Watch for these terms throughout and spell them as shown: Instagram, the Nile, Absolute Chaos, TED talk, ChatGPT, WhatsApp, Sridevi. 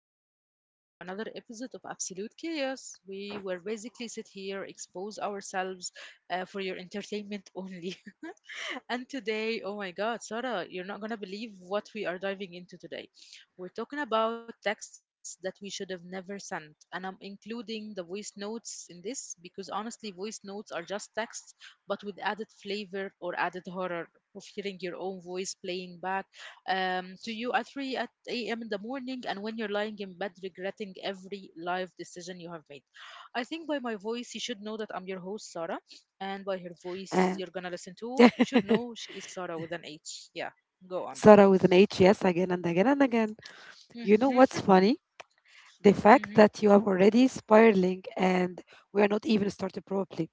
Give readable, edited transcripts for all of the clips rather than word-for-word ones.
welcome everyone to another episode of Absolute Chaos. We will basically sit here, expose ourselves for your entertainment only. And today, oh my God, Sarah, you're not going to believe what we are diving into today. We're talking about texts that we should have never sent. And I'm including the voice notes in this because honestly, voice notes are just texts, but with added flavor or added horror of hearing your own voice playing back to you at 3 at a.m. in the morning and when you're lying in bed regretting every life decision you have made. I think by my voice, you should know that I'm your host, Sarah, and by her voice And you're gonna listen to, you should know she is Sarah with an H. Yeah, go on. Sarah with an H, yes, again and again and again. You know what's Mm-hmm. funny? The fact Mm-hmm. that you are already spiraling and we are not even started probably.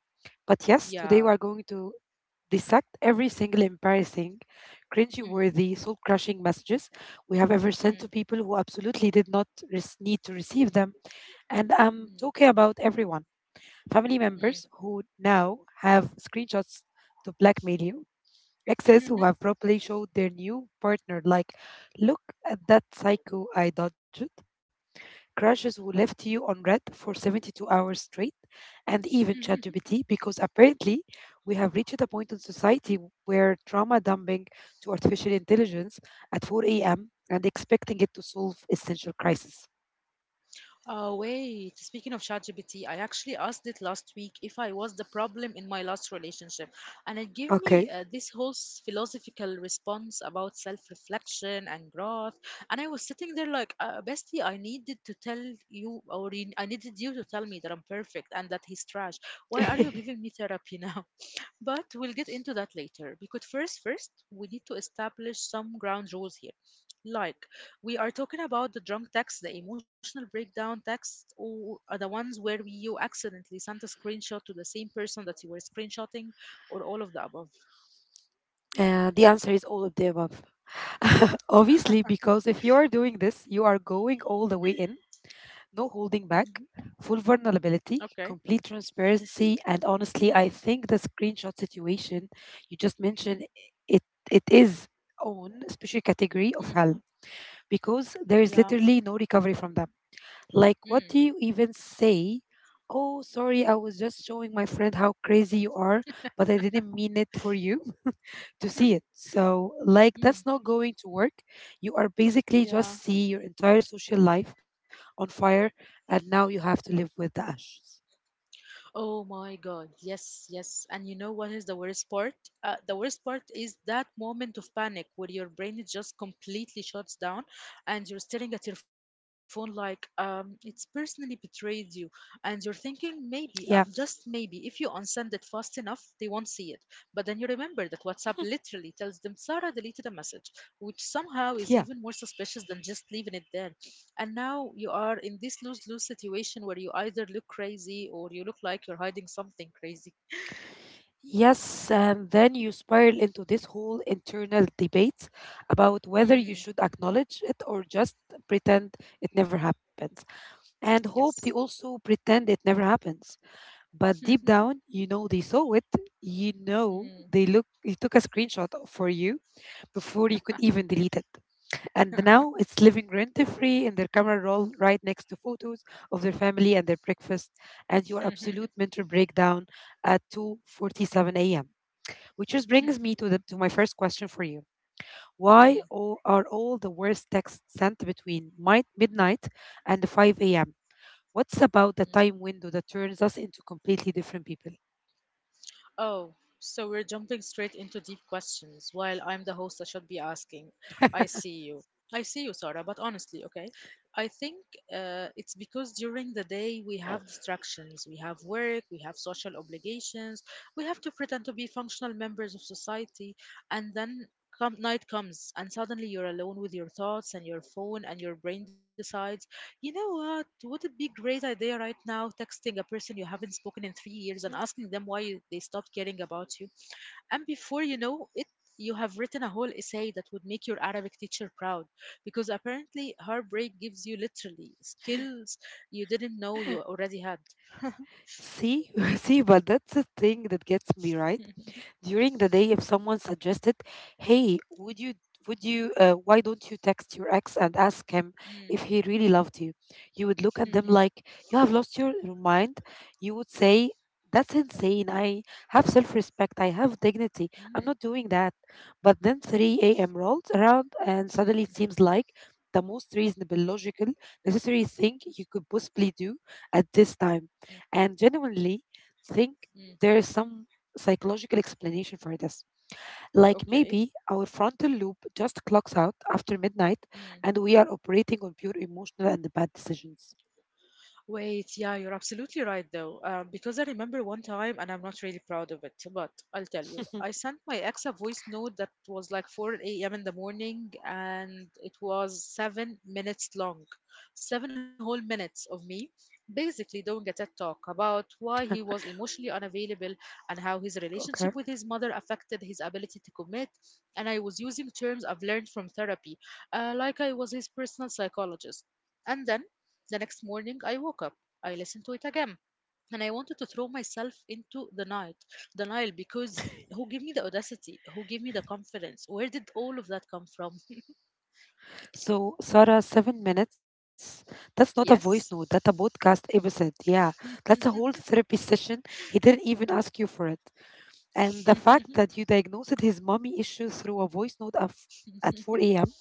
But yes, today we are Yeah. going to dissect every single embarrassing, cringy Mm-hmm. worthy, soul crushing messages we have ever sent to Mm-hmm. people who absolutely did not need to receive them. And I'm talking about everyone family members who now have screenshots to blackmail you, exes who have Mm-hmm. properly showed their new partner, like, look at that psycho I dodged, crushes who left you on red for 72 hours straight, and even ChatGPT, because apparently we have reached a point in society where trauma dumping to artificial intelligence at 4 a.m. and expecting it to solve essential crises. Oh, wait. Speaking of ChatGPT, I actually asked it last week if I was the problem in my last relationship. And it gave me Okay. This whole philosophical response about self reflection and growth. And I was sitting there like, Bestie, I needed to tell you, I needed you to tell me that I'm perfect and that he's trash. Why are you giving me therapy now? But we'll get into that later because first, we need to establish some ground rules here. Like, we are talking about the drunk text, the emotional breakdown text, or are the ones where you accidentally sent a screenshot to the same person that you were screenshotting, or all of the above. The answer is all of the above. Obviously, because if you are doing this, you are going all the way in no holding back, Hmm. full vulnerability, Okay. complete transparency, and honestly, I Mm, think the screenshot situation you just mentioned mm, it it is own special category of mm, hell because there is yeah. literally no recovery from them. Like, what do Mm, you even say? Oh, sorry, I was just showing my friend how crazy you are, but I didn't mean it for you to see it. So, like, that's mm, not going to work. You are basically just yeah. see your entire social life on fire, and now you have to live with the ashes. Oh my God. Yes, yes. And you know what is the worst part? The worst part is that moment of panic where your brain just completely shuts down and you're staring at your phone like it's personally betrayed you. And you're thinking, maybe, Yeah, just maybe, if you unsend it fast enough, they won't see it. But then you remember that WhatsApp literally tells them Sarah deleted a message, which somehow is yeah. even more suspicious than just leaving it there, and now you are in this lose lose situation where you either look crazy or you look like you're hiding something crazy. Yes, and then you spiral into this whole internal debate about whether you Mm, should acknowledge it or just pretend it never happens. And hope they yes. also pretend it never happens. But deep down, you know they saw it. You know Mm. they look they took a screenshot for you before you could even delete it. And now it's living rent free in their camera roll right next to photos of their family and their breakfast and your absolute mental breakdown at 2:47 a.m. Which just brings me to the to my first question for you. Are all the worst texts sent between midnight and 5 a.m.? What's about the time window that turns us into completely different people? Oh, so we're jumping straight into deep questions while I'm the host I should be asking. I see you. I see you, Sarah, but honestly, okay, I think it's because during the day we have distractions. We have work, we have social obligations, we have to pretend to be functional members of society, and then come, night comes, and suddenly you're alone with your thoughts and your phone, and your brain decides, you know what? Would it be a great idea right now texting a person you haven't spoken in 3 years and asking them why they stopped caring about you? And before you know it, you have written a whole essay that would make your Arabic teacher proud because apparently heartbreak gives you literally skills you didn't know Mhm. you already had. See, See, but that's the thing that gets me, right? During the day, if someone suggested, "Hey, would you why don't you text your ex and ask him Mm. if he really loved you?" You would look at them like you have lost your mind. You would say, "That's insane. I have self-respect. I have dignity. I'm Mm, not doing that." But then 3 a.m. rolls around, and suddenly it seems like the most reasonable, logical, necessary thing you could possibly do at this time. mm, And genuinely think mm. there is some psychological explanation for this. Like Okay. maybe our frontal loop just clocks out after midnight Mm. and we are operating on pure emotional and bad decisions. Wait, yeah, you're absolutely right though. Because I remember one time, and I'm not really proud of it, but I'll tell you. I sent my ex a voice note that was like 4 a.m. in the morning, and it was 7 minutes long. Seven whole minutes of me basically doing a TED talk about why he was emotionally unavailable and how his Okay. relationship with his mother affected his ability to commit. And I was using terms I've learned from therapy, like I was his personal psychologist. And then the next morning, I woke up. I listened to it again. And I wanted to throw myself into the night. The Nile, because who gave me the audacity? Who gave me the confidence? Where did all of that come from? So, Sarah, seven minutes. That's not a voice Yes. note, that's a podcast episode. Yeah. That's a whole therapy session. He didn't even ask you for it. And the fact that you diagnosed his mommy issue through a voice note of at 4 a.m.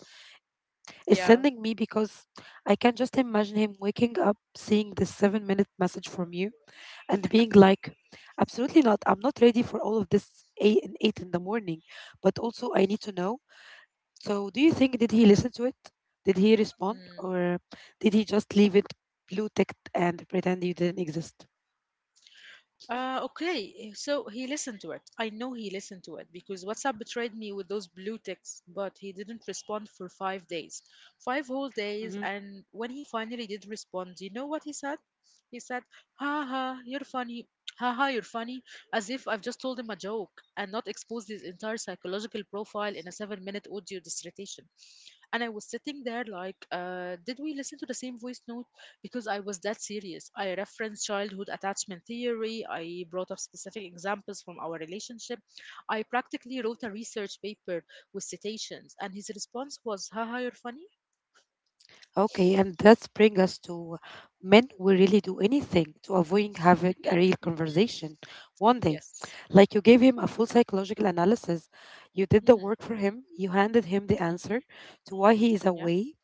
is Yeah. sending me because I can just imagine him waking up seeing this seven-minute message from you and being like, absolutely not, I'm not ready for all of this eight and eight in the morning. But also I need to know. So do you think, did he listen to it? Did he respond, Mm. or did he just leave it blue ticked and pretend you didn't exist? Okay, so he listened to it. I know he listened to it because WhatsApp betrayed me with those blue ticks, but he didn't respond for 5 days. Five whole days, Hmm. and when he finally did respond, do you know what he said? He said, "Ha ha, you're funny. Ha ha, you're funny." As if I've just told him a joke and not exposed his entire psychological profile in a 7 minute audio dissertation. And I was sitting there like, did we listen to the same voice note? Because I was that serious. I referenced childhood attachment theory. I brought up specific examples from our relationship. I practically wrote a research paper with citations, and his response was, "Haha, you're funny?" Okay, and that's bring us to, men will really do anything to avoid having a real conversation one day. Yes. Like you gave him a full psychological analysis, you did the Mm, work for him, you handed him the answer mm-hmm, to why he is yeah. away,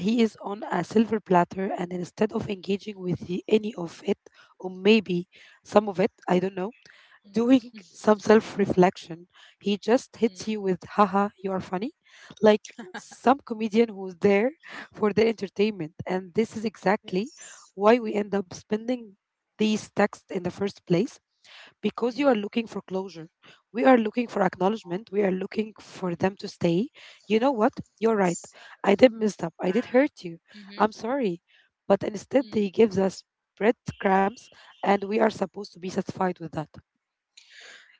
he is on a silver platter, and instead of engaging with any of it, or maybe some of it, I don't know, Mm, doing some self-reflection, he just hits mm, you with, haha, you are funny. Like some comedian who's there for their entertainment. And this is exactly yes. why we end up spending these texts in the first place, because you are Mm, looking for closure. We are looking for acknowledgement. We are looking for them to stay. You know what? You're right. I did mess up. I did hurt you. mm-hmm, I'm sorry. But instead, they mm. gives us breadcrumbs, and we are supposed to be satisfied with that.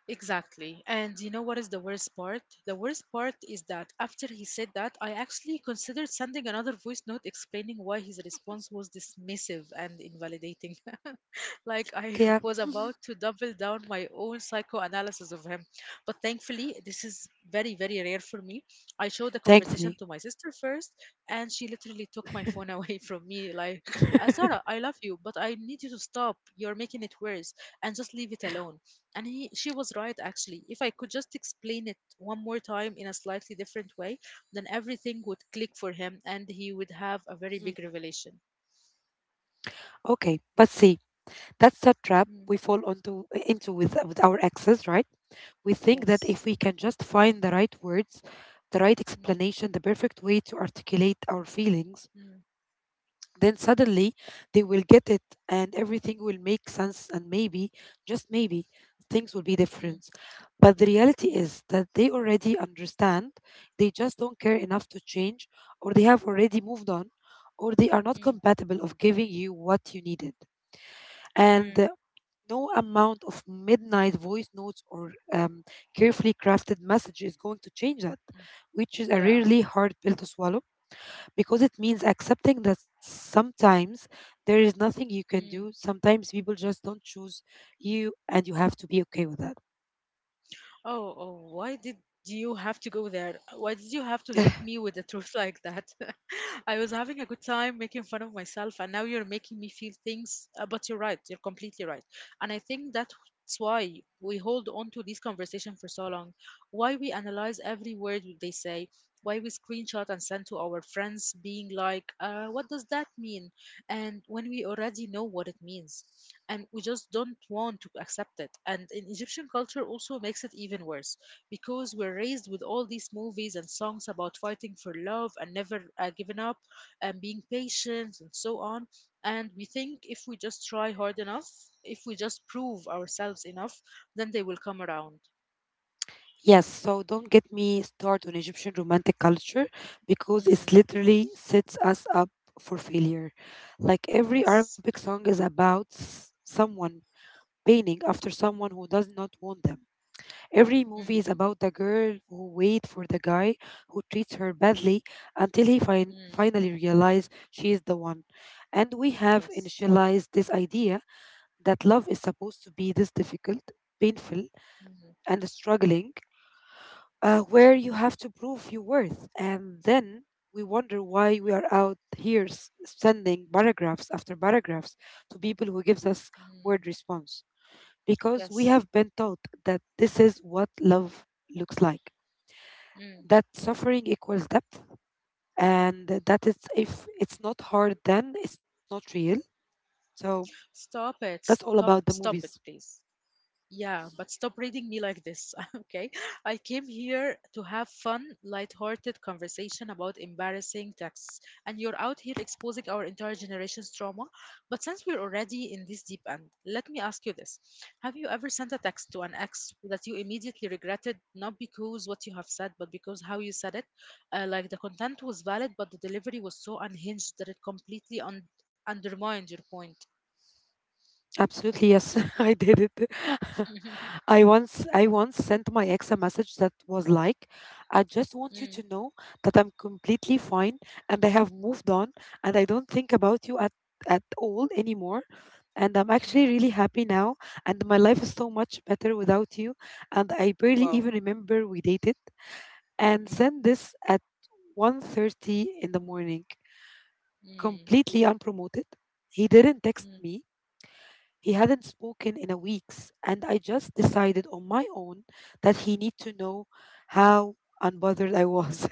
Exactly. And you know what is the worst part? The worst part is that after he said that, I actually considered sending another voice note explaining why his response was dismissive and invalidating. Like I Yeah, was about to double down my own psychoanalysis of him. But thankfully, this is very, very rare for me. I showed the conversation thankfully. to my sister first, and she literally took my phone away from me. Like, " Sarah, I love you, but I need you to stop. You're making it worse, and just leave it alone." She was right, actually. If I could just explain it one more time in a slightly different way, then everything would click for him, and he would have a very big Mhm. revelation. Okay, but see, that's the trap Mm, we fall onto into with our exes, right? We think that yes. if we can just find the right words, the right Mm, explanation, the perfect way to articulate our feelings, mm, then suddenly they will get it and everything will make sense, and maybe, just maybe, things will be mm. different. But the reality Mm, is that they already understand, they just don't care enough to change, or they have already moved on, or they are not mm, compatible of giving you what you needed, and mm, no amount of midnight voice notes or carefully crafted message is going to change that, mm. which is a Yeah. really hard pill to swallow, because it means accepting that sometimes there is nothing you can Mm. do. Sometimes people just don't choose you, and you have to be okay with that. Oh, why did you have to go there? Why did you have to hit me with the truth like that? I was having a good time making fun of myself, and now you're making me feel things. But you're right, you're completely right. And I think that's why we hold on to this conversation for so long, why we analyze every word they say, why we screenshot and send to our friends, being like, what does that mean? And when we already know what it means and we just don't want to accept it. And in Egyptian culture also makes it even worse, because we're raised with all these movies and songs about fighting for love and never giving up and being patient and so on. And we think if we just try hard enough, if we just prove ourselves enough, then they will come around. Yes, so don't get me started on Egyptian romantic culture, because it Mm, literally sets us up for failure. Like every yes. Arabic song is about someone pining after someone who does not want them. Every movie Mm-hmm. is about the girl who waits for the guy who treats her badly until he Mm, finally realizes she is the one. And we have yes. initialized this idea that love is supposed to be this difficult, painful, Mm-hmm. and struggling, where you have to prove your worth. And then we wonder why we are out here sending paragraphs after paragraphs to people who gives us Mm, word response, because we yes. have been taught that this is what love looks like, Mm. that suffering equals depth, and that it's, if it's not hard, then it's not real. So Stop it. that's all Stop, about the stop it, movies. please. Yeah, but stop reading me like this, okay? I came here to have fun, light-hearted conversation about embarrassing texts, and you're out here exposing our entire generation's trauma. But since we're already in this deep end, let me ask you this. Have you ever sent a text to an ex that you immediately regretted, not because what you have said, but because how you said it? Like the content was valid, but the delivery was so unhinged that it completely undermined your point. Absolutely, yes. I did it. I once sent my ex a message that was like, I just want you Mm, to know that I'm completely fine and I have moved on and I don't think about you at all anymore and I'm actually mm, really happy now and my life is so much better without you and I barely wow. even remember we dated. And Mm, sent this at 1:30 in the morning, mm. completely unpromoted. He didn't text Mm. me. He Mm, hadn't spoken in a weeks, and I just mm, decided on my own that he need to know how unbothered I was.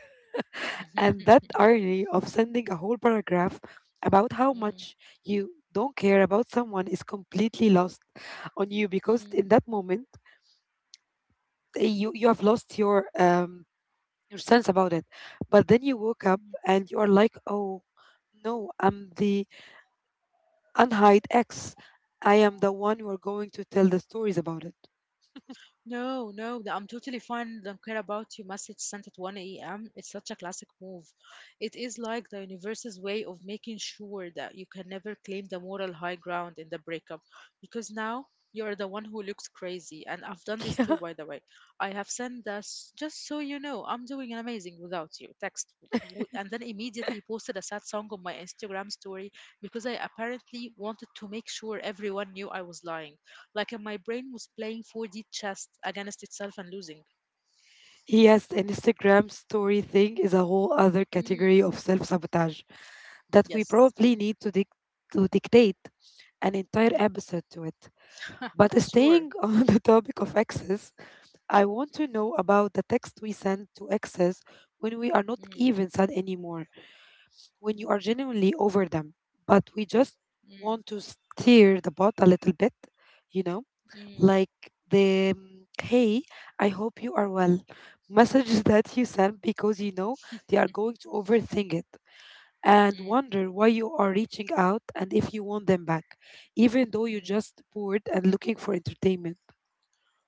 And that irony of sending a whole paragraph about how mm, much you don't care about someone is completely lost on you, because mm. in that moment, you have lost your sense about it. But then you woke up and you are like, oh, no, I'm the unhide ex. I am the one who are going to tell the stories about it. No, no, I'm totally fine. Don't care about your message sent at 1 a.m. It's such a classic move. It is like the universe's way of making sure that you can never claim the moral high ground in the breakup because now you're the one who looks crazy. And I've done this too, Yeah. by the way. I have sent this just so you know, I'm doing amazing without you text and then immediately posted a sad song on my Instagram story because I apparently wanted to make sure everyone knew I was lying. Like my brain was playing 4D chess against itself and losing. Yes, the Instagram story thing is a whole other Mm, category of self sabotage that we yes. probably need to, to dictate an entire Mm. episode to it. But Sure. staying on the topic of exes, I want to know about the text we send to exes when we are not Mm, even sad anymore. When you mm, are genuinely over them, but we just mm, want to steer the boat a little bit, you know, mm, like the mm, hey, I hope you are well messages that you send because you know they are going to overthink it and mm, wonder why you are reaching out and if you want them back, even though you're mm. just bored and looking for entertainment.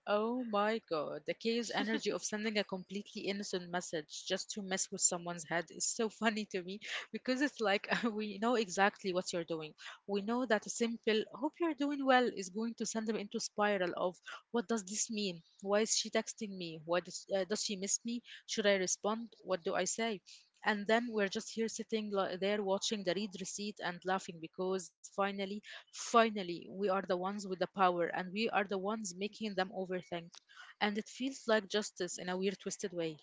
Oh my God, the chaos energy of sending a completely innocent message just to mess with someone's head is so funny to me because it's like we know exactly what you're doing. We know that a simple, hope you're doing well, is going to send them into spiral of what does this mean? Why is she texting me? Why does she miss me? Should I respond? What do I say? And then we're just here sitting there watching the read receipt and laughing because finally, finally, we are the ones with the power and we are the ones making them overthink. And it feels like justice in a weird, twisted way.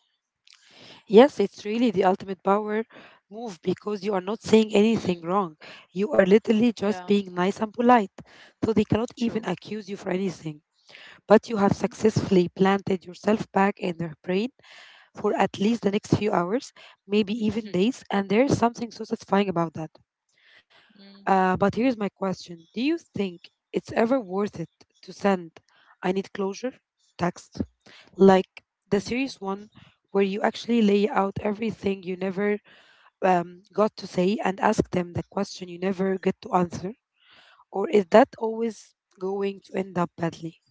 Yes, it's really the ultimate power move because you are not saying anything Mm, wrong. You are literally just yeah, being nice and polite. So they cannot true. even accuse you for anything. But you have successfully planted yourself back in their brain for at least the next few hours, maybe even Mm-hmm. days. And there's something so satisfying about that. But here's my question. Do you think it's ever worth it to send, I need closure text? Like the serious one where you actually lay out everything you never got to say and ask them the question you never get to answer? Or is that always going to end up badly?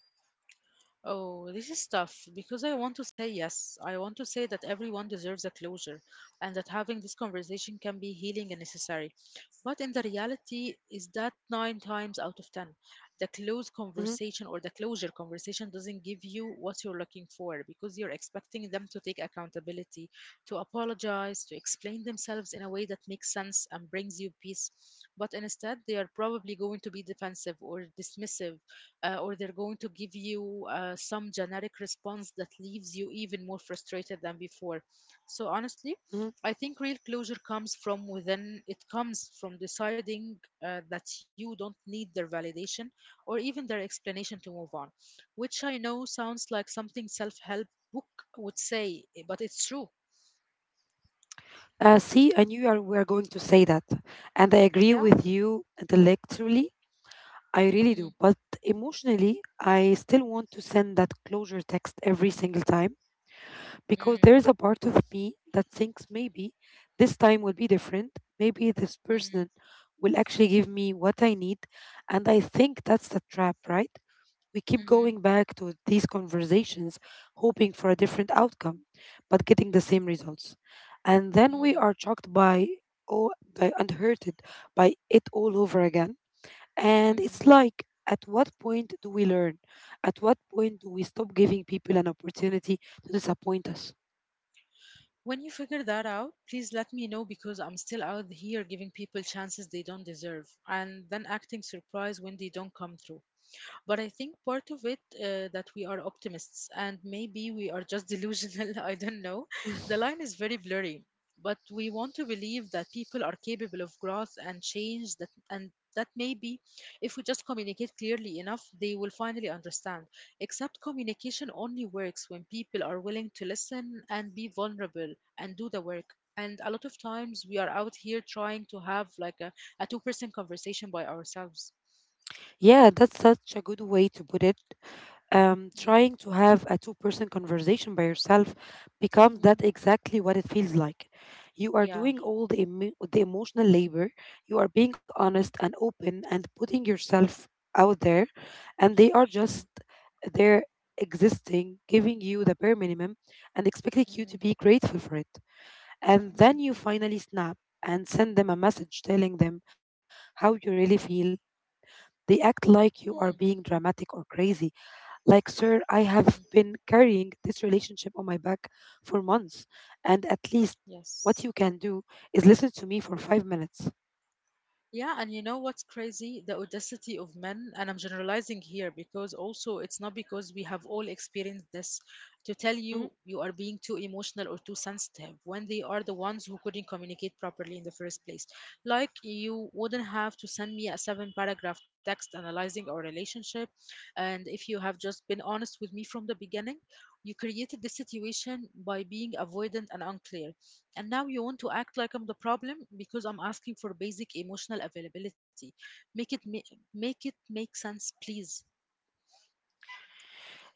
Oh, this is tough because I want to say yes. I want to say that everyone deserves a closure and that having this conversation can be healing and necessary. But in the reality is that nine times out of ten, the closed Mhm, conversation or the closure conversation doesn't give you what you're looking for because you're expecting them to take accountability, to apologize, to explain themselves in a way that makes sense and brings you peace. But instead, they are probably going to be defensive or dismissive, or they're going to give you some generic response that leaves you even more frustrated than before. So, honestly, mhm. I think real closure comes from within. It comes from deciding that you don't need their validation or even their explanation to move on, which I know sounds like something self help book would say, but it's true. See, I knew were going to say that, and I agree Yeah? with you intellectually. I really Mm, do. But emotionally, I still want to send that closure text every single time because mm, there's a part of me that thinks maybe this time will be different. Maybe this mm, person will actually give me what I need. And I think that's the trap, right? We keep mhm, going back to these conversations, hoping for a different outcome, but getting the same results. And then we mm, are shocked by, oh, by unhurted by it all over again, and mm. it's like, at what point do we learn? At what point do we stop giving people an opportunity to disappoint us? When you figure that out, please let me know because I'm still out here giving people chances they don't deserve and then acting surprised when they don't come through. But I think part of it that we are optimists, and maybe we are just delusional. I don't know. The line is very blurry, but we want to believe that people are capable of growth and change, that and that maybe if we just communicate clearly enough, they will finally understand. Except communication only works when people are willing to listen and be vulnerable and do the work. And a lot of times we are out here trying to have like a two-person conversation by ourselves. Yeah, that's such a good way to put it. Mm, Trying to have a two-person conversation by yourself becomes that mm, exactly what it feels like. You are yeah. doing all the emotional labor, you are being Mhm. honest and open and putting yourself out there, and they are Yeah. just there existing, giving you the bare minimum and expecting you to Mm, be grateful for it. And then mm, you finally snap and send them a message telling them how you really feel. They act like you are being mm, dramatic or crazy. Like, sir, I have mm. been carrying this relationship on my back for months, and at least Yes. what you can do is listen to me for 5 minutes. Yeah, and you know what's crazy? The audacity of men, and I'm generalizing here because also it's not because we have all experienced this, to tell you Mhm. you are being too emotional or too sensitive when they are the ones who couldn't communicate properly in the first place. Like, you wouldn't have to send me a seven paragraph text analyzing our relationship, and if you have just been honest with me from the beginning. You created the situation by being avoidant and unclear, and now you want to act like I'm the problem because I'm asking for basic emotional availability. Make it make sense, please.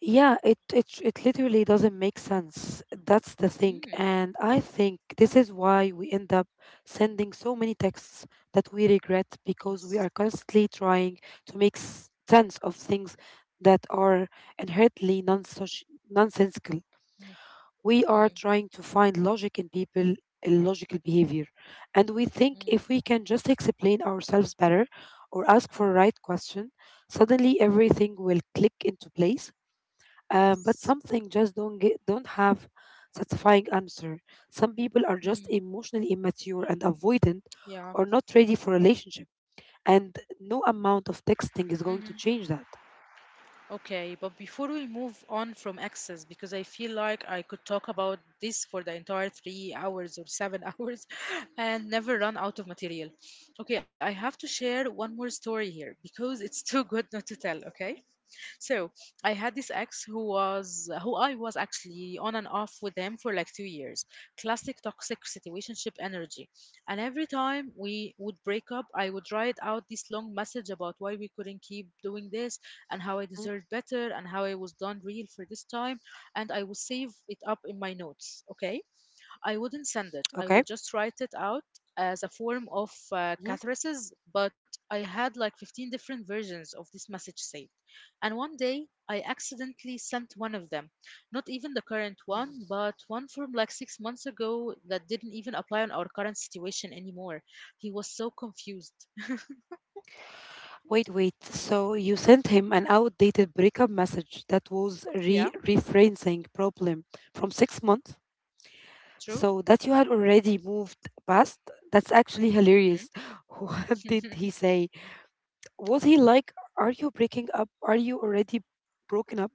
Yeah, it literally doesn't make sense. That's the thing. Mm. And I think Yeah. this is why we end up sending so many texts that we regret because Yes. we are constantly trying to make sense of things that are inherently nonsensical. Mm. We are Mm. trying to find logic in people illogical behavior, and we think Mm. if we can just explain ourselves better or ask for the right question, suddenly everything will click into place. But Yes. something just don't have satisfying answer. Some people are just Mm, emotionally immature and avoidant, yeah. or not ready for relationship, and no amount of texting is going to hmm change that. Okay, but before we move on from access, because I feel like I could talk about this for the entire 3 hours or seven hours and never run out of material. Okay, I have to share one more story here because it's too good not to tell, okay? So I had this ex who I was actually on and off with him for like 2 years. Classic toxic situationship energy. And every time we would break up, I would write out this long message about why we couldn't keep doing this and how I Mm, deserved better and how I was done real for this time. And I would save it up in my notes. Okay, I wouldn't send it. I okay. would just write it out as a form of Mhm. catharsis, but I had like 15 different versions of this message saved. And one day I accidentally sent one of them. Not even the current one, but one from like 6 months ago that didn't even apply on our current situation anymore. He was so confused. Wait, wait. So you sent him an outdated breakup message that was re Yeah, referencing problem from 6 months. true. So that you had already moved past. That's actually hilarious. What did he say? Was he like, "Are you breaking up? Are you already broken up?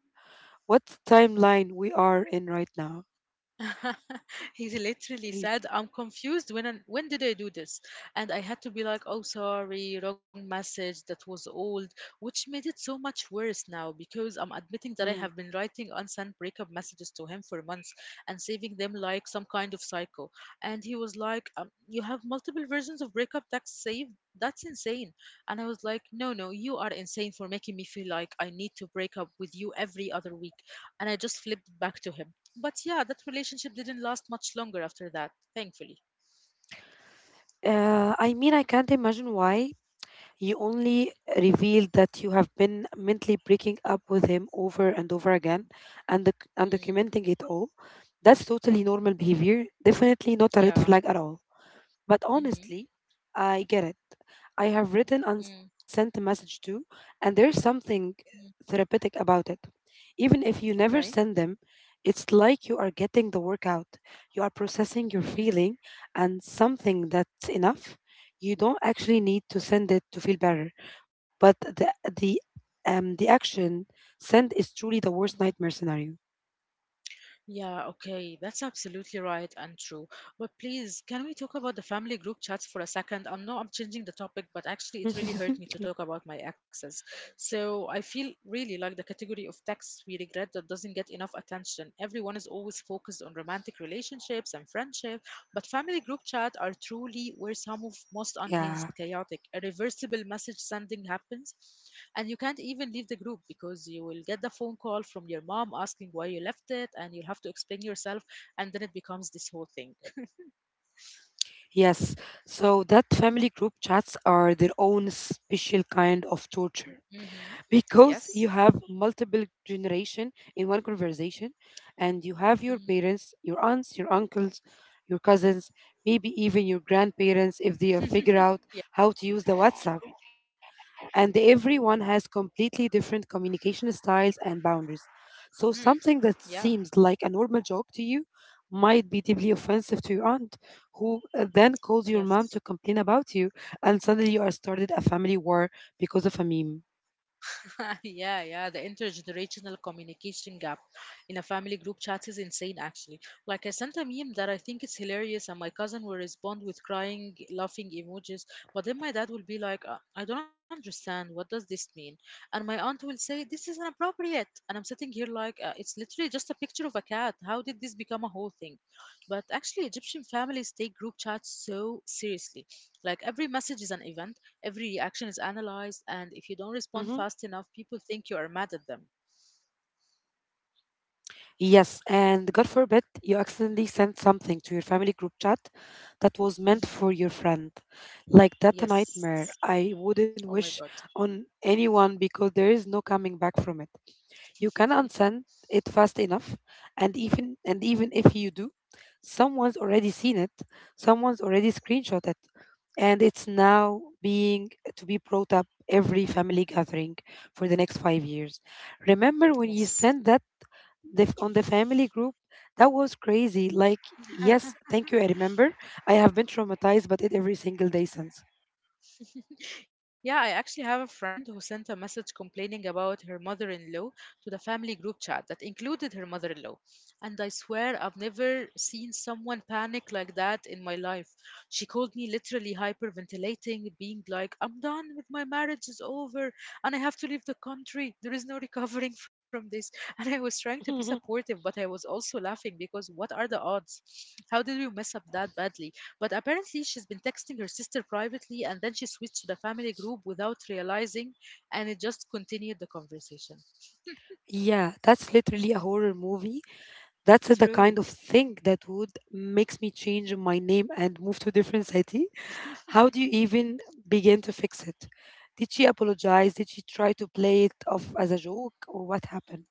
What timeline we are in right now?" He literally Hey, said, "I'm confused. When did I do this?" And I had to be like, "Oh, sorry, wrong message. That was old," which made it so much worse now because I'm admitting that I mm. have been writing unsent breakup messages to him for months and saving them like some kind of psycho. And he was like, "You have multiple versions of breakup texts saved. That's insane." And I was like, "No, no, you are insane for making me feel like I need to break up with you every other week." And I just flipped back to him, but yeah, that relationship didn't last much longer after that, thankfully. I mean, I can't imagine why you only revealed that you have been mentally breaking up with him over and over again and Mm, documenting it all. That's totally normal behavior, definitely not a red yeah. flag at all. But Mm-hmm. honestly, I get it. I have written and Mm, sent a message too, and there's something mm. therapeutic about it. Even if you never Okay. send them, it's like you are getting the workout. You are processing your Mm, feeling and something that's enough. You don't actually need to send it to feel better, but the the action send is truly the worst mm. nightmare scenario. Yeah, okay, that's absolutely right and true. But please, can we talk about the family group chats for a second? I know I'm changing the topic, but actually, it really hurt me to talk about my exes. So I feel really like the category of texts we regret that doesn't get enough attention. Everyone is always focused on romantic relationships and friendship, but family group chat are truly where some of most Yeah. unhinged, chaotic, irreversible message sending happens. And you can't even leave the group because you will get the phone call from your mom asking why you left it, and you'll have to explain yourself, and then it becomes this whole thing. Yes, so that family group chats are their own special kind of torture Mm-hmm. because you Yes. have multiple generation in one conversation, and you have your Mm. parents, your aunts, your uncles, your cousins, maybe even your grandparents if they figure out Yeah. how to use the WhatsApp, and everyone has completely different communication styles and boundaries. So, Mm. something that Yeah. seems like a normal joke to you might be deeply offensive to your aunt, who then calls your mom Yes. to complain about you, and suddenly you are started a family war because of a meme. Yeah, yeah. The intergenerational communication gap in a family group chat is insane, actually. Like, I sent a meme that I think it's hilarious, and my cousin will respond with crying, laughing emojis. But then my dad will be like, I don't understand. What does this mean?" And my aunt will say, "This is inappropriate." And I'm sitting here like, it's literally just a picture of a cat. How did this become a whole thing? But actually, Egyptian families take group chats so seriously. Like, every message is an event. Every reaction is analyzed, and if you don't respond Mhm. fast enough, people think you are mad at them. Yes, and God forbid you accidentally sent something to your family group chat that was meant for your friend. Like that a nightmare Yes. I wouldn't Oh my wish God. on anyone because there is no coming back from it. You can unsend it fast enough, and even if you do, someone's already seen it, someone's already screenshot it, and it's now being to be brought up every family gathering for the next 5 years. Remember when you Yes. sent that the, on the family group, that was crazy. Like, yes, thank you, I remember. I have been traumatized but it every single day since. Yeah, I actually have a friend who sent a message complaining about her mother in law to the family group chat that included her mother in law. And I swear I've never seen someone panic like that in my life. She called me literally hyperventilating, being like, "I'm done. With my marriage is over, and I have to leave the country. There is no recovering from this." And I was trying to be supportive, but I was also laughing because what are the odds? How did we mess up that badly? But apparently, she's been texting her sister privately and then she switched to the family group without realizing, and it just continued the conversation. Yeah, that's literally a horror movie. That's the kind True. of thing that would makes me change my name and move to a different city. How do you even begin to fix it? Did she apologize? Did she try to play it off as a joke, or what happened?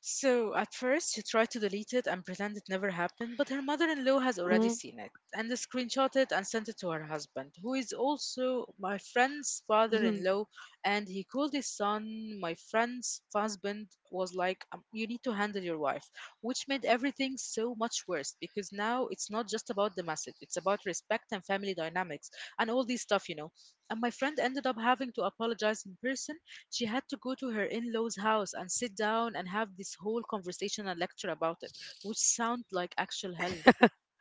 So at first, she tried to delete it and pretend it never happened, but her mother in law has already Mm, seen it and screenshot it and sent it to her husband, who is also my friend's father mhm. in law. And he called his son, my friend's husband, was like, You need to handle your wife," which made everything so much worse because now it's not just about the message, it's about respect and family dynamics and all this stuff. And my friend ended up having to apologize in person. She had to go to her in law's house and sit down and have this whole conversation and lecture about it, which sound like actual hell.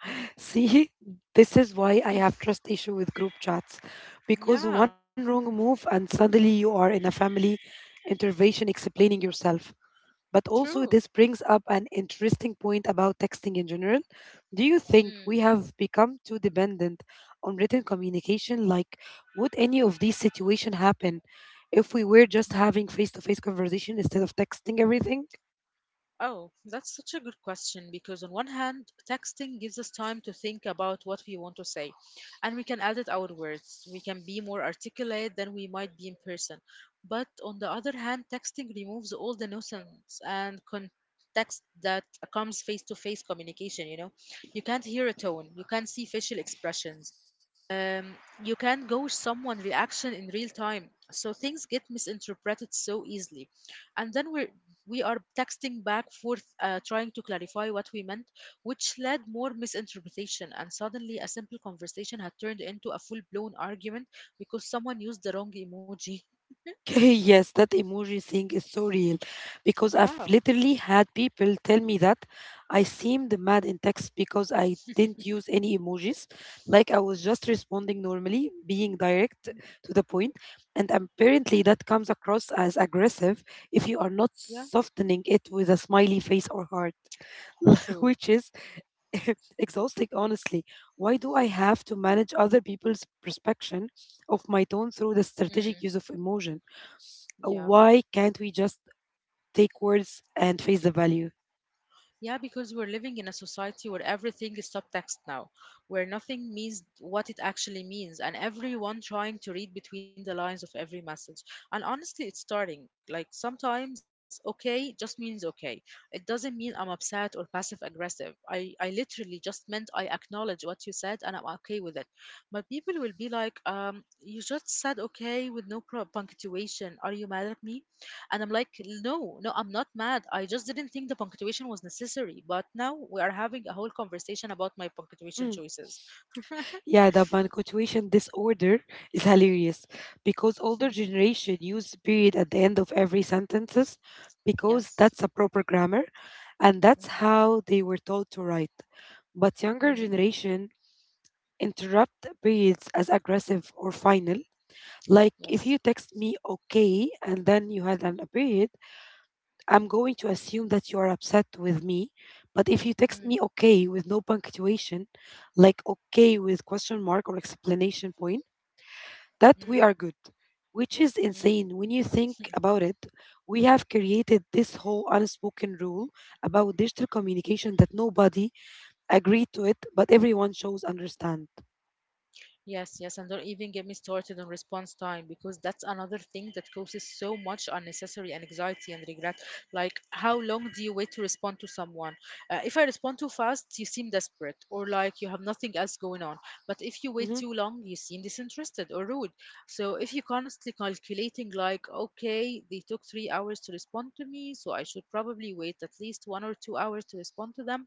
See, this is why I have trust issue with group chats, Yeah, because one wrong move and suddenly you are in a family intervention explaining yourself. But also, true. this brings up an interesting point about texting in general. Do you think Mm, we have become too dependent on written communication? Like, would any of these situations happen if we were just mm. having face to face conversation instead of texting everything? Oh, that's such a good question because, on one hand, texting gives us time to think about what we want to say, and we can edit our words. We can be more articulate than we might be in person. But on the other hand, texting removes all the nuisance and context that comes face to face communication. You know, you can't hear a tone, you can't see facial expressions, um, you can't gauge someone's reaction in real time, so things get misinterpreted so easily. And then we are texting back forth, trying to clarify what we meant, which led more misinterpretation. And suddenly, a simple conversation had turned into a full-blown argument because someone used the wrong emoji. Okay, yes, that emoji thing is so real because I've Yeah, literally had people tell me that I seemed mad in text because I didn't use any emojis. Like, I was just responding normally, being direct mm, to the point. And apparently, that comes across as aggressive if you are not yeah, softening it with a smiley face or heart, true. which is exhausting, honestly. Why do I have to manage other people's perception of my tone through the strategic Mm, use of emotion? yeah. Why can't we just take words and face the value? Yeah, because we're living in a society where everything is subtext now, where nothing means what it actually means, and everyone trying to read between the lines of every message. And honestly, it's starting. Like, sometimes okay just means okay. It doesn't mean I'm upset or passive aggressive. I literally just meant I acknowledge what you said and I'm okay with it. But people will be like, "You just said okay with no punctuation. Are you mad at me?" And I'm like, no, no, I'm not mad. I just didn't think the punctuation was necessary. But now we are having a whole conversation about my punctuation Mm. choices. Yeah, the punctuation disorder is hilarious because older generation use period at the end of every sentences because Yes. that's a proper grammar, and that's Mm-hmm. how they were taught to write. But younger Mm-hmm. generation interrupt periods as aggressive or final. Like if Yes. you text me okay and then you had an a period, I'm going to assume that you are upset with me, but if you text me okay with no punctuation, like okay with question mark or explanation point, that Mm-hmm. we are good. Which is Mm-hmm. insane when you think about it. We have created this whole unspoken rule about digital communication that nobody agreed to it, but everyone shows understand. Yes, yes, and don't even get me started on response time because that's another thing that causes so much unnecessary anxiety and regret. Like, how long do you wait to respond to someone? If I respond too fast, you seem desperate or like you have nothing else going on. But if you wait Mhm. too long, you seem disinterested or rude. So, if you're constantly calculating, like, okay, they took 3 hours to respond to me, so I should probably wait at least 1 or 2 hours to respond to them,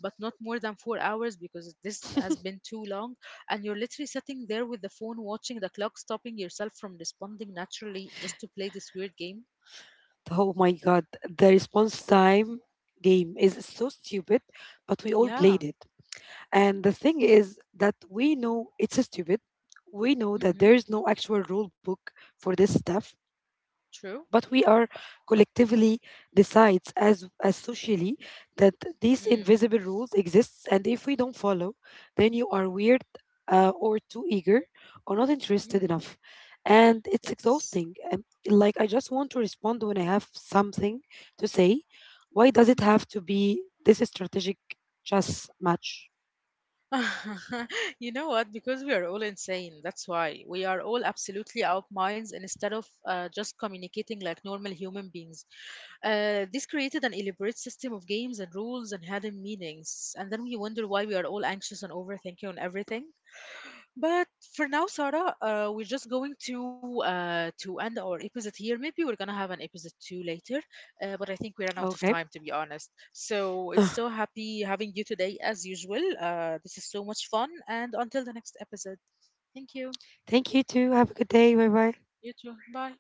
but not more than 4 hours because this has been too long, and you're literally sitting there with the phone watching the clock, stopping yourself from responding naturally just to play this weird game. Oh my god, the response time game is so stupid, but we all Yeah. played it. And the thing is that we know it's stupid. We know that Mm-hmm. there is no actual rule book for this stuff, True. but we are collectively decides as socially that these Mm. invisible rules exist. And if we don't follow, then you are weird, or too eager or not interested Mm. enough, and it's Yes. exhausting. And like I just want to respond when I have something to say. Why does it Mm. have to be this strategic chess match? You know what? Because we are all insane. That's why we are all absolutely out minds instead of just communicating like normal human beings. This created an elaborate system of games and rules and hidden meanings. And then we wonder why we are all anxious and overthinking on everything. But for now, Sarah, we're just going to end our episode here. Maybe we're gonna have an episode 2 later, but I think we ran out Okay. of time to be honest. So it's so happy having you today as usual. This is so much fun, and until the next episode, thank you. Thank you too. Have a good day. Bye bye. You too. Bye.